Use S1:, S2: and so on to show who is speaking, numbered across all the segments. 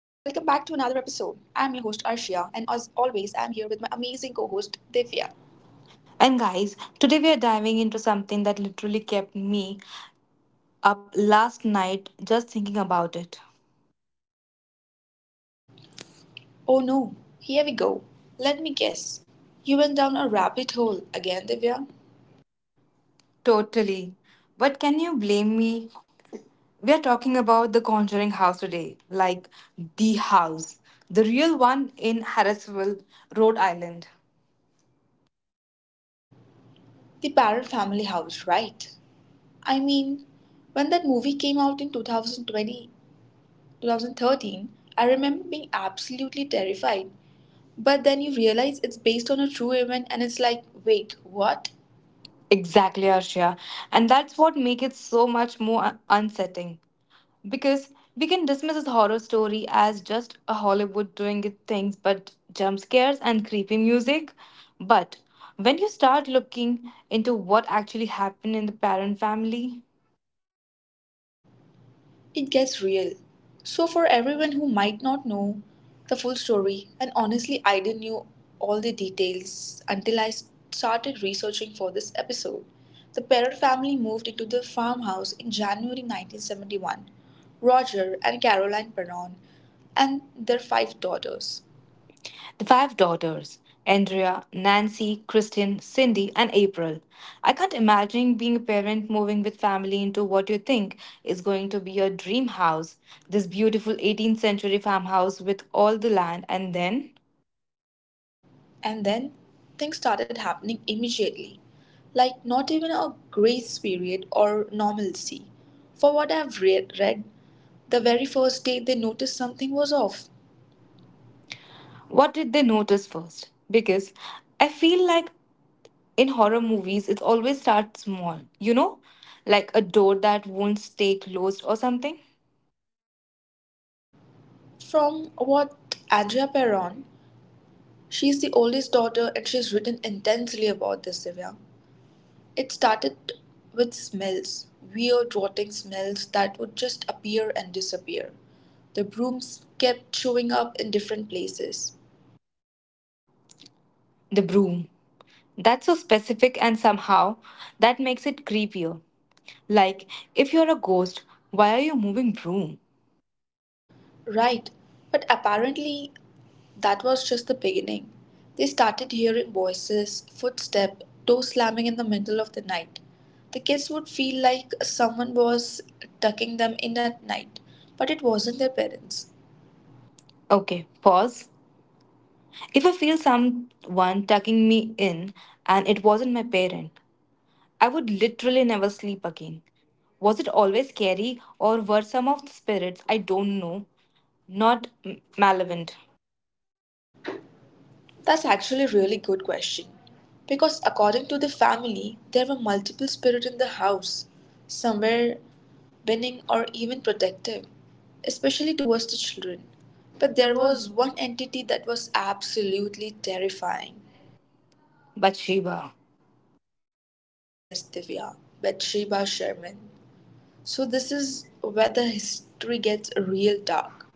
S1: I'm your host Arshia, and as always, I'm here with my amazing co host Divya.
S2: And guys, today we are diving into something that literally kept me up last night just thinking about it.
S1: Oh no, here we go. Let me guess. You went down a rabbit hole again, Divya?
S2: Totally. But can you blame me? We are talking about the Conjuring House today, like the house, the real one in Harrisville, Rhode Island.
S1: The Parrot Family House, right? I mean, when that movie came out in 2020, I remember being absolutely terrified. But then you realize it's based on a true event, and it's like, wait, what?
S2: Exactly, Arshia. And that's what makes it so much more unsettling. Because we can dismiss this horror story as just a Hollywood doing its things, but jump scares and creepy music. But when you start looking into what actually happened in the parent family,
S1: It gets real. So, for everyone who might not know the full story, and honestly, I didn't know all the details until I started researching for this episode. The Parrot family moved into the farmhouse in January 1971. Roger and Caroline Perron and their five daughters.
S2: the five daughters Andrea, Nancy, Kristen, Cindy, and April. I can't imagine being a parent moving with family into what you think is going to be your dream house, this beautiful 18th century farmhouse with all the land, and then
S1: And then things started happening immediately. Like, not even a grace period or normalcy. For what I've read the very first day they noticed something was off.
S2: what did they notice first? Because I feel like in horror movies, it always starts small, you know? Like a door that won't stay closed or something.
S1: From what Andrea Perron, she's the oldest daughter and she's written intensely about this, Divya. It started with smells, weird rotting smells that would just appear and disappear. The brooms kept showing up in different places.
S2: The broom. That's so specific, and somehow that makes it creepier. Like, if you're a ghost, why are you moving broom?
S1: Right, but apparently that was just the beginning. They started hearing voices, footsteps, doors slamming in the middle of the night. The kids would feel like someone was tucking them in at night, but it wasn't their parents.
S2: Okay, pause. If I feel someone tucking me in and it wasn't my parent, I would literally never sleep again. Was it always scary, or were some of the spirits I don't know not malevolent?
S1: That's actually a really good question. Because according to the family, there were multiple spirits in the house. Some were winning or even protective, especially towards the children. But
S2: There
S1: there
S2: was
S1: was one entity that was absolutely terrifying.
S2: Bathsheba.
S1: Yes, Divya, Bathsheba Sherman. So this is where the history gets real dark.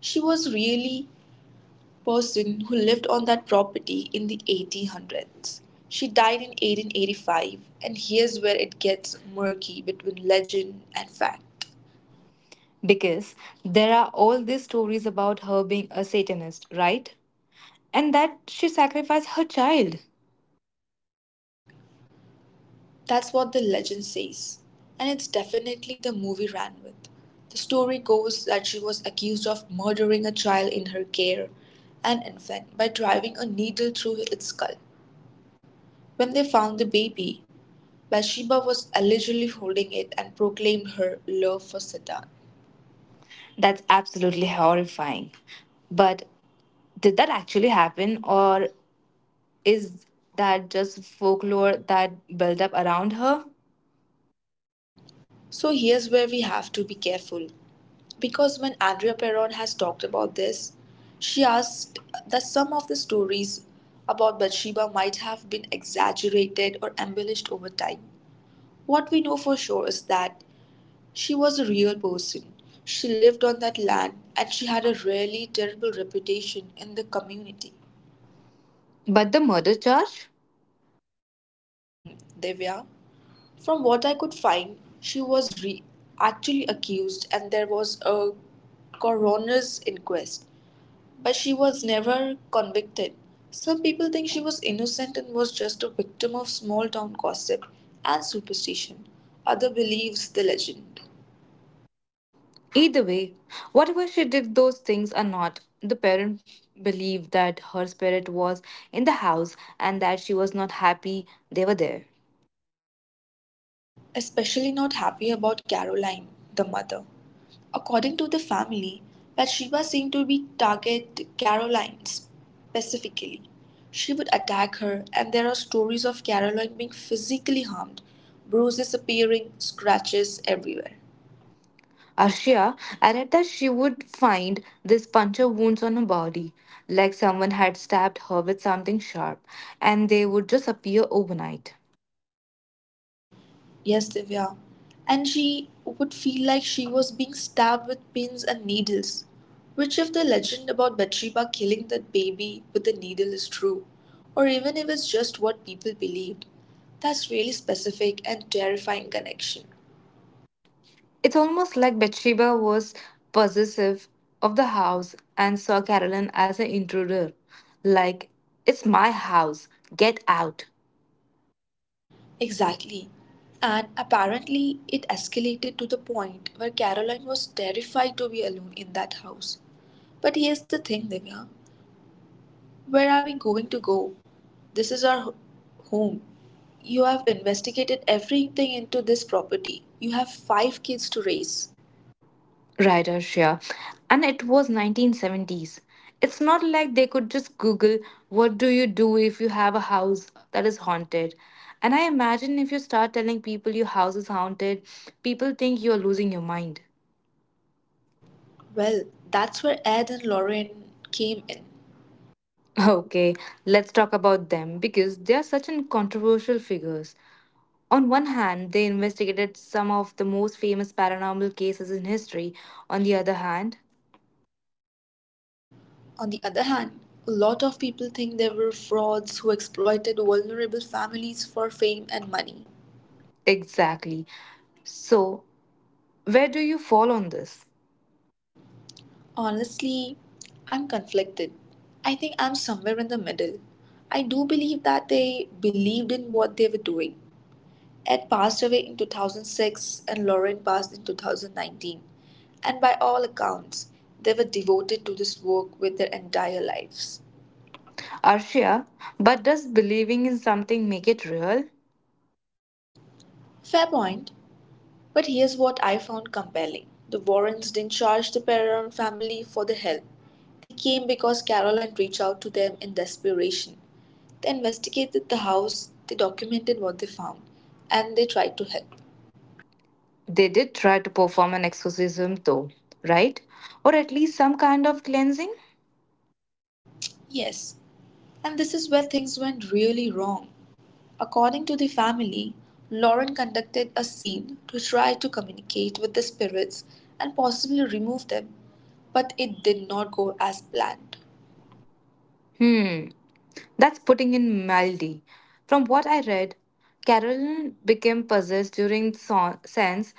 S1: She was really person who lived on that property in the 1800s. She died in 1885, and here's where it gets murky between legend and fact.
S2: Because there are all these stories about her being a Satanist, right? And that she sacrificed her child.
S1: That's what the legend says, and it's definitely the movie ran with. The story goes that she was accused of murdering a child in her care, an infant, by driving a needle through its skull. When they found the baby, Bathsheba was allegedly holding it and proclaimed her love for Satan.
S2: That's absolutely horrifying. But did that actually happen, or is that just folklore that built up around her?
S1: So here's where we have to be careful. Because when Andrea Perron has talked about this, she asked that some of the stories about Bathsheba might have been exaggerated or embellished over time. What we know for sure is that she was a real person. She lived on that land and she had a really terrible reputation in the community.
S2: But the murder charge?
S1: Mm, Divya? From what I could find, she was actually accused and there was a coroner's inquest, but she was never convicted. Some people think she was innocent and was just a victim of small town gossip and superstition. Other believes the legend,
S2: Either way, whatever she did, those things are not. The parent believed that her spirit was in the house and that she was not happy they were there.
S1: especially not happy about Caroline, the mother. According to the family, Bathsheba seemed to be target Caroline specifically. She would attack her, and there are stories of Caroline being physically harmed, bruises appearing, scratches everywhere.
S2: Arshia, I read that she would find these puncture wounds on her body, like someone had stabbed her with something sharp, and they would just appear overnight.
S1: Yes, Divya. And she would feel like she was being stabbed with pins and needles. Which, if the legend about Bathsheba killing that baby with the needle is true, or even if it's just what people believed, that's really specific and terrifying connection.
S2: It's almost like Bathsheba was possessive of the house and saw Carolyn as an intruder. Like, it's my house, get out.
S1: Exactly. And apparently, it escalated to the point where Caroline was terrified to be alone in that house. But here's the thing, Divya, where are we going to go? This is our home. You have investigated everything into this property. You have five kids to raise.
S2: Right, Arshia. And it was 1970s. It's not like they could just Google what do you do if you have a house that is haunted. And I imagine if you start telling people your house is haunted, people think you're losing your mind.
S1: Well, that's where Ed and Lauren came in.
S2: Okay, let's talk about them because they are such an controversial figures. On one hand, they investigated some of the most famous paranormal cases in history. On the other hand,
S1: On the other hand, a lot of people think they were frauds who exploited vulnerable families for fame and money.
S2: exactly. So, where do you fall on this?
S1: Honestly, I'm conflicted. I think I'm somewhere in the middle. I do believe that they believed in what they were doing. Ed passed away in 2006 and Lauren passed in 2019. And by all accounts, they were devoted to this work with their entire lives.
S2: Arshia, but does believing in something make it real?
S1: Fair point. But here's what I found compelling the Warrens didn't charge the Pereira family for the help. They came because Caroline reached out to them in desperation. They investigated the house, they documented what they found, and they tried to help.
S2: They did try to perform an exorcism though, right? Or at least some kind of cleansing?
S1: Yes, and this is where things went really wrong. According to the family, Lauren conducted a scene to try to communicate with the spirits and possibly remove them, but it did not go as planned.
S2: Hmm, that's putting in mildly. From what I read, Carolyn became possessed during the sense.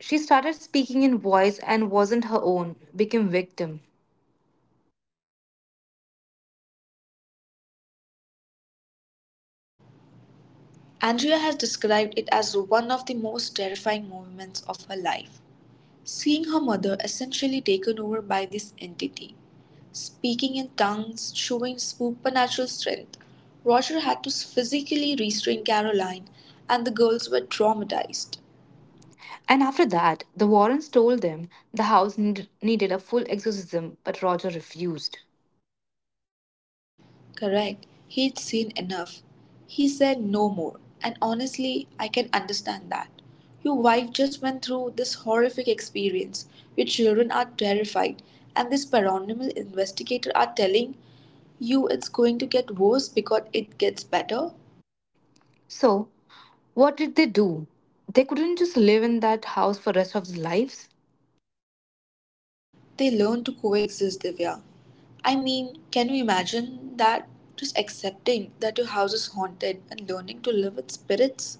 S2: She started speaking in voice and wasn't her own, became victim.
S1: Andrea has described it as one of the most terrifying moments of her life, seeing her mother essentially taken over by this entity. Speaking in tongues, showing supernatural strength, Roger had to physically restrain Caroline, and the girls were traumatized.
S2: And after that, the Warrens told them the house needed a full exorcism, but Roger refused.
S1: Correct. He'd seen enough. He said no more. And honestly, I can understand that. Your wife just went through this horrific experience. Your children are terrified. And this paranormal investigator are telling you it's going to get worse because it gets better.
S2: So, what did they do? They couldn't just live in that house for rest of their lives.
S1: They learn to coexist, Divya. I mean, can you imagine that? Just accepting that your house is haunted and learning to live with spirits?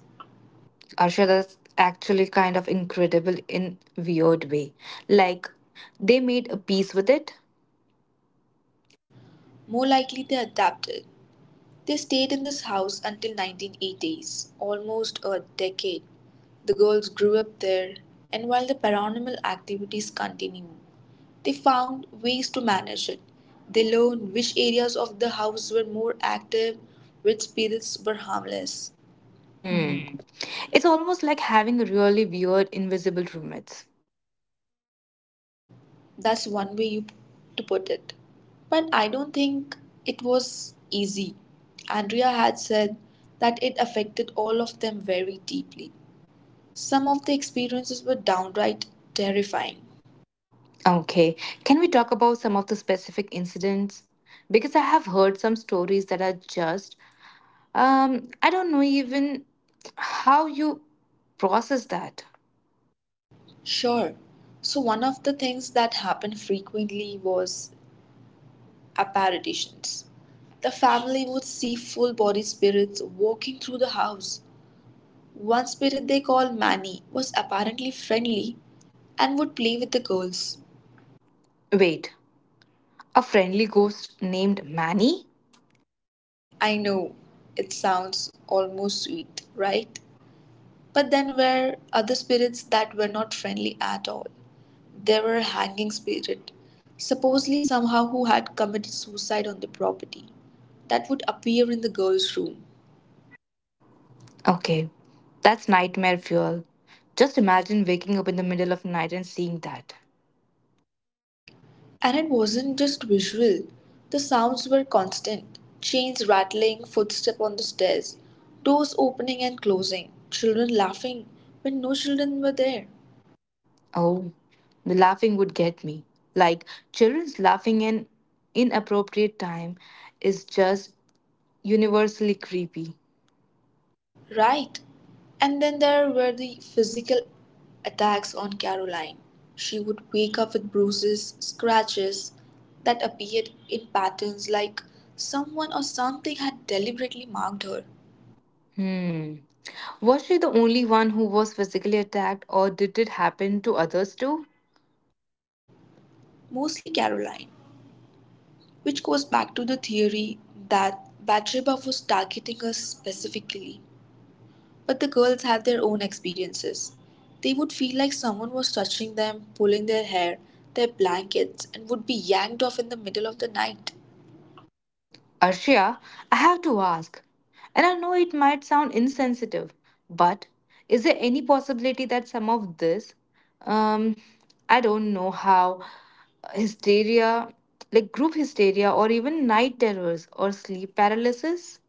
S2: Arsha, that's actually kind of incredible in weird way. Like they made a peace with it.
S1: More likely they adapted. They stayed in this house until 1980s, almost a decade. The girls grew up there, and while the paranormal activities continue, they found ways to manage it. They learned which areas of the house were more active, which spirits were harmless.
S2: Hmm. It's almost like having really weird invisible roommates.
S1: That's one way you to put it. But I don't think it was easy. Andrea had said that it affected all of them very deeply. Some of the experiences were downright terrifying.
S2: Okay, can we talk about some of the specific incidents? Because I have heard some stories that are just I don't know even how you process that.
S1: Sure. So, one of the things that happened frequently was apparitions. The family would see full body spirits walking through the house. One spirit they called Manny was apparently friendly and would play with the girls.
S2: Wait, a friendly ghost named Manny?
S1: I know, it sounds almost sweet, right? But then were other spirits that were not friendly at all. There were a hanging spirit, supposedly somehow who had committed suicide on the property, that would appear in the girl's room.
S2: Okay, that's nightmare fuel. Just imagine waking up in the middle of night and seeing that.
S1: And it wasn't just visual, the sounds were constant chains rattling, footsteps on the stairs, doors opening and closing, children laughing when no children were there.
S2: Oh, the laughing would get me. Like, children's laughing in inappropriate time is just universally creepy.
S1: Right. And then there were the physical attacks on Caroline. She would wake up with bruises, scratches that appeared in patterns like someone or something had deliberately marked her,
S2: Hmm. Was she the only one who was physically attacked, or did it happen to others too?
S1: mostly Caroline, which goes back to the theory that Bathsheba was targeting her specifically. But the girls had their own experiences. They would feel like someone was touching them, pulling their hair, their blankets, and would be yanked off in the middle of the night.
S2: Arshia, I have to ask, and I know it might sound insensitive, but is there any possibility that some of this, um, I don't know how, hysteria, like group hysteria, or even night terrors, or sleep paralysis,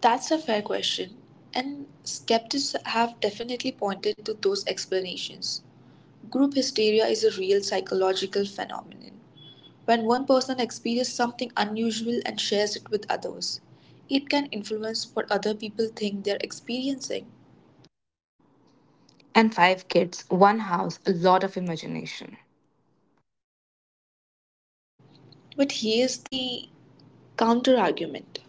S1: That's a fair question, and skeptics have definitely pointed to those explanations. Group hysteria is a real psychological phenomenon. When one person experiences something unusual and shares it with others, it can influence what other people think they're experiencing.
S2: and five kids, one house, a lot of imagination?
S1: But here's the counter argument.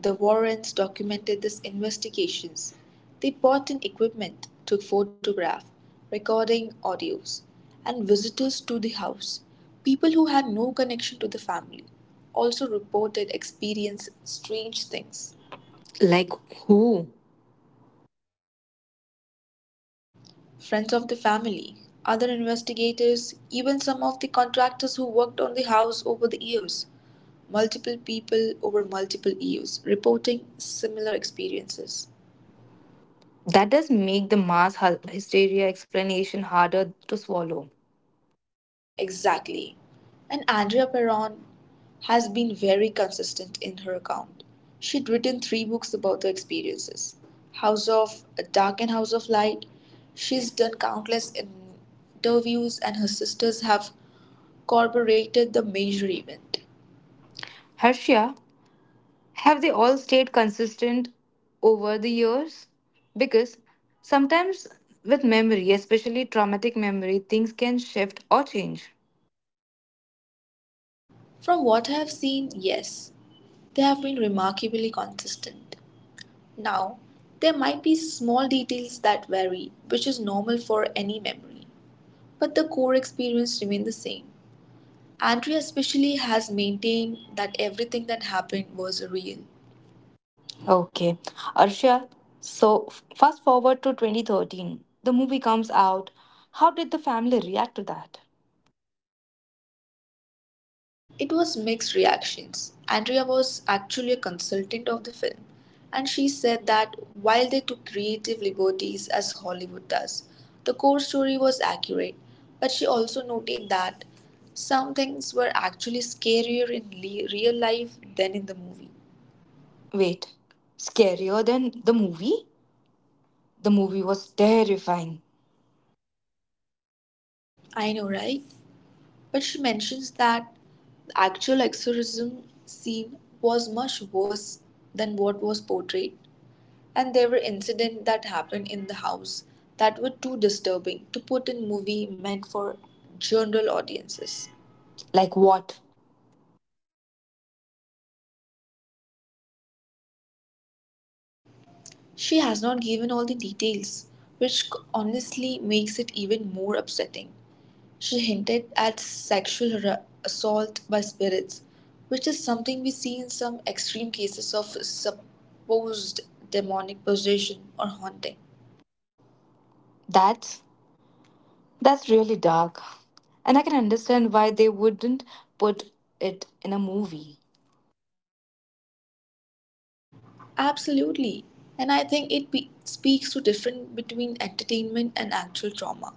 S1: The Warrens documented these investigations; they bought in equipment, took photographs, recording audios, and visitors to the house, people who had no connection to the family, also reported experiencing strange things.
S2: Like who?
S1: Friends of the family, other investigators, even some of the contractors who worked on the house over the years, multiple people over multiple years reporting similar experiences.
S2: That does make the mass hysteria explanation harder to swallow.
S1: Exactly. And Andrea Perron has been very consistent in her account. She'd written three books about the experiences House of Dark and House of Light. She's done countless interviews, and her sisters have corroborated the major event.
S2: Harshia, have they all stayed consistent over the years? Because sometimes with memory, especially traumatic memory, things can shift or change.
S1: From what I have seen, yes, they have been remarkably consistent. Now, there might be small details that vary, which is normal for any memory, but the core experience remains the same. Andrea especially has maintained that everything that happened was real.
S2: Okay, Arshia, so fast forward to 2013. The movie comes out. How did the family react to that?
S1: It was mixed reactions. Andrea was actually a consultant of the film, and she said that while they took creative liberties as Hollywood does, the core story was accurate, but she also noted that some things were actually scarier in real life than in the movie.
S2: Wait, scarier than the movie? The movie was terrifying.
S1: I know, right? But she mentions that the actual exorcism scene was much worse than what was portrayed, and there were incidents that happened in the house that were too disturbing to put in movie meant for general audiences.
S2: Like what?
S1: She has not given all the details, which honestly makes it even more upsetting. She hinted at sexual assault by spirits, which is something we see in some extreme cases of supposed demonic possession or haunting.
S2: That's that's really dark. And I can understand why they wouldn't put it in a movie.
S1: Absolutely. And I think it speaks to difference between entertainment and actual trauma.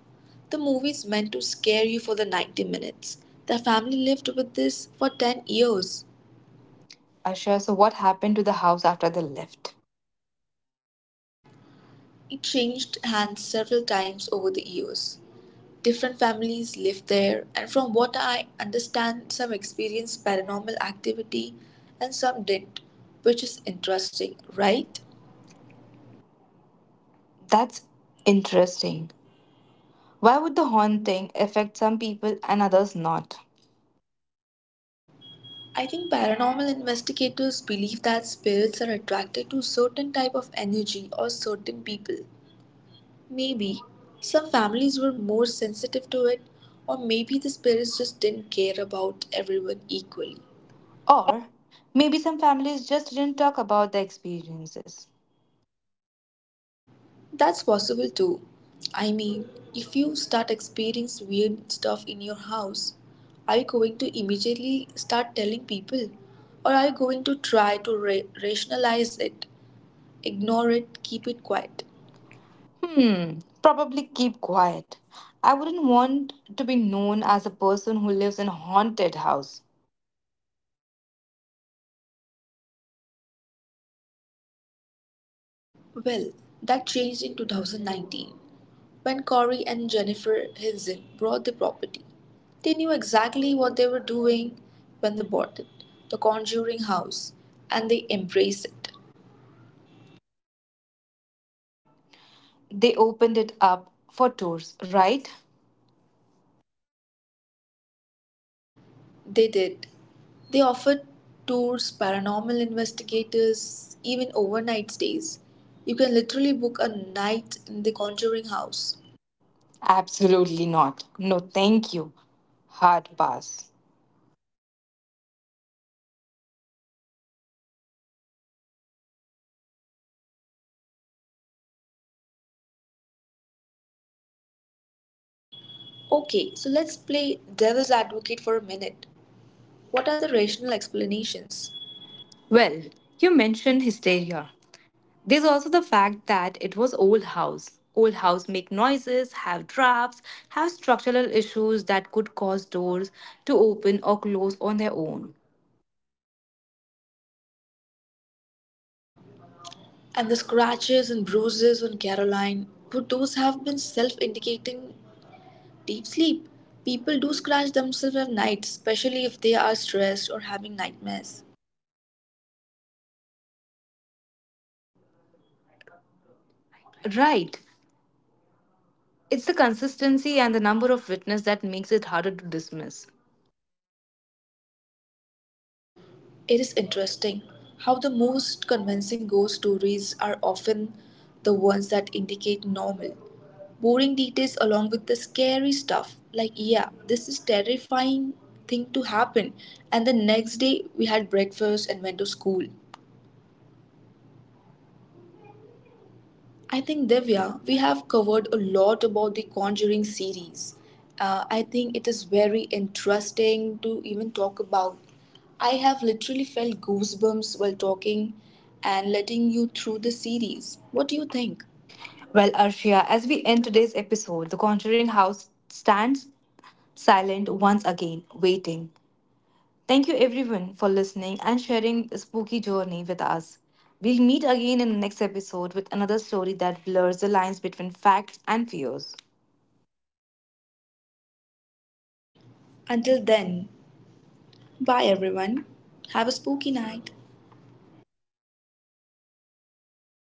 S1: The movie is meant to scare you for the 90 minutes. The family lived with this for 10 years.
S2: Asha, so what happened to the house after they left?
S1: It changed hands several times over the years. Different families live there, and from what I understand, some experienced paranormal activity and some didn't, which is interesting, right?
S2: That's interesting. Why would the haunting affect some people and others not?
S1: I think paranormal investigators believe that spirits are attracted to certain type of energy or certain people. Maybe some families were more sensitive to it, or maybe the spirits just didn't care about everyone equally.
S2: Or maybe some families just didn't talk about their experiences.
S1: That's possible too. I mean, if you start experiencing weird stuff in your house, are you going to immediately start telling people? Or are you going to try to rationalize it, ignore it, keep it quiet?
S2: Hmm, probably keep quiet. I wouldn't want to be known as a person who lives in a haunted house.
S1: Well, that changed in 2019 when Corey and Jennifer Hilson bought the property. They knew exactly what they were doing when they bought it, the Conjuring House, and they embraced it.
S2: They opened it up for tours, right?
S1: They did. They offered tours, paranormal investigators, even overnight stays. You can literally book a night in the Conjuring House.
S2: Absolutely not. No, thank you. Hard pass.
S1: Okay, so let's play devil's advocate for a minute. What are the rational explanations?
S2: Well, you mentioned hysteria. There's also the fact that it was old house. Old house make noises, have drafts, have structural issues that could cause doors to open or close on their own.
S1: And the scratches and bruises on Caroline, would those have been self indicating deep sleep? People do scratch themselves at night, especially if they are stressed or having nightmares.
S2: Right. It's the consistency and the number of witness that makes it harder to dismiss.
S1: It is interesting how the most convincing ghost stories are often the ones that indicate normal, boring details along with the scary stuff. Like, yeah, this is terrifying thing to happen. And the next day we had breakfast and went to school. I think Divya, we have covered a lot about the Conjuring series. I think it is very interesting to even talk about. I have literally felt goosebumps while talking and letting you through the series. What do you think?
S2: Well, Arshia, as we end today's episode, the Conjuring House stands silent once again, waiting. Thank you everyone for listening and sharing the spooky journey with us. We'll meet again in the next episode with another story that blurs the lines between facts and fears.
S1: Until then, bye everyone. Have a spooky night.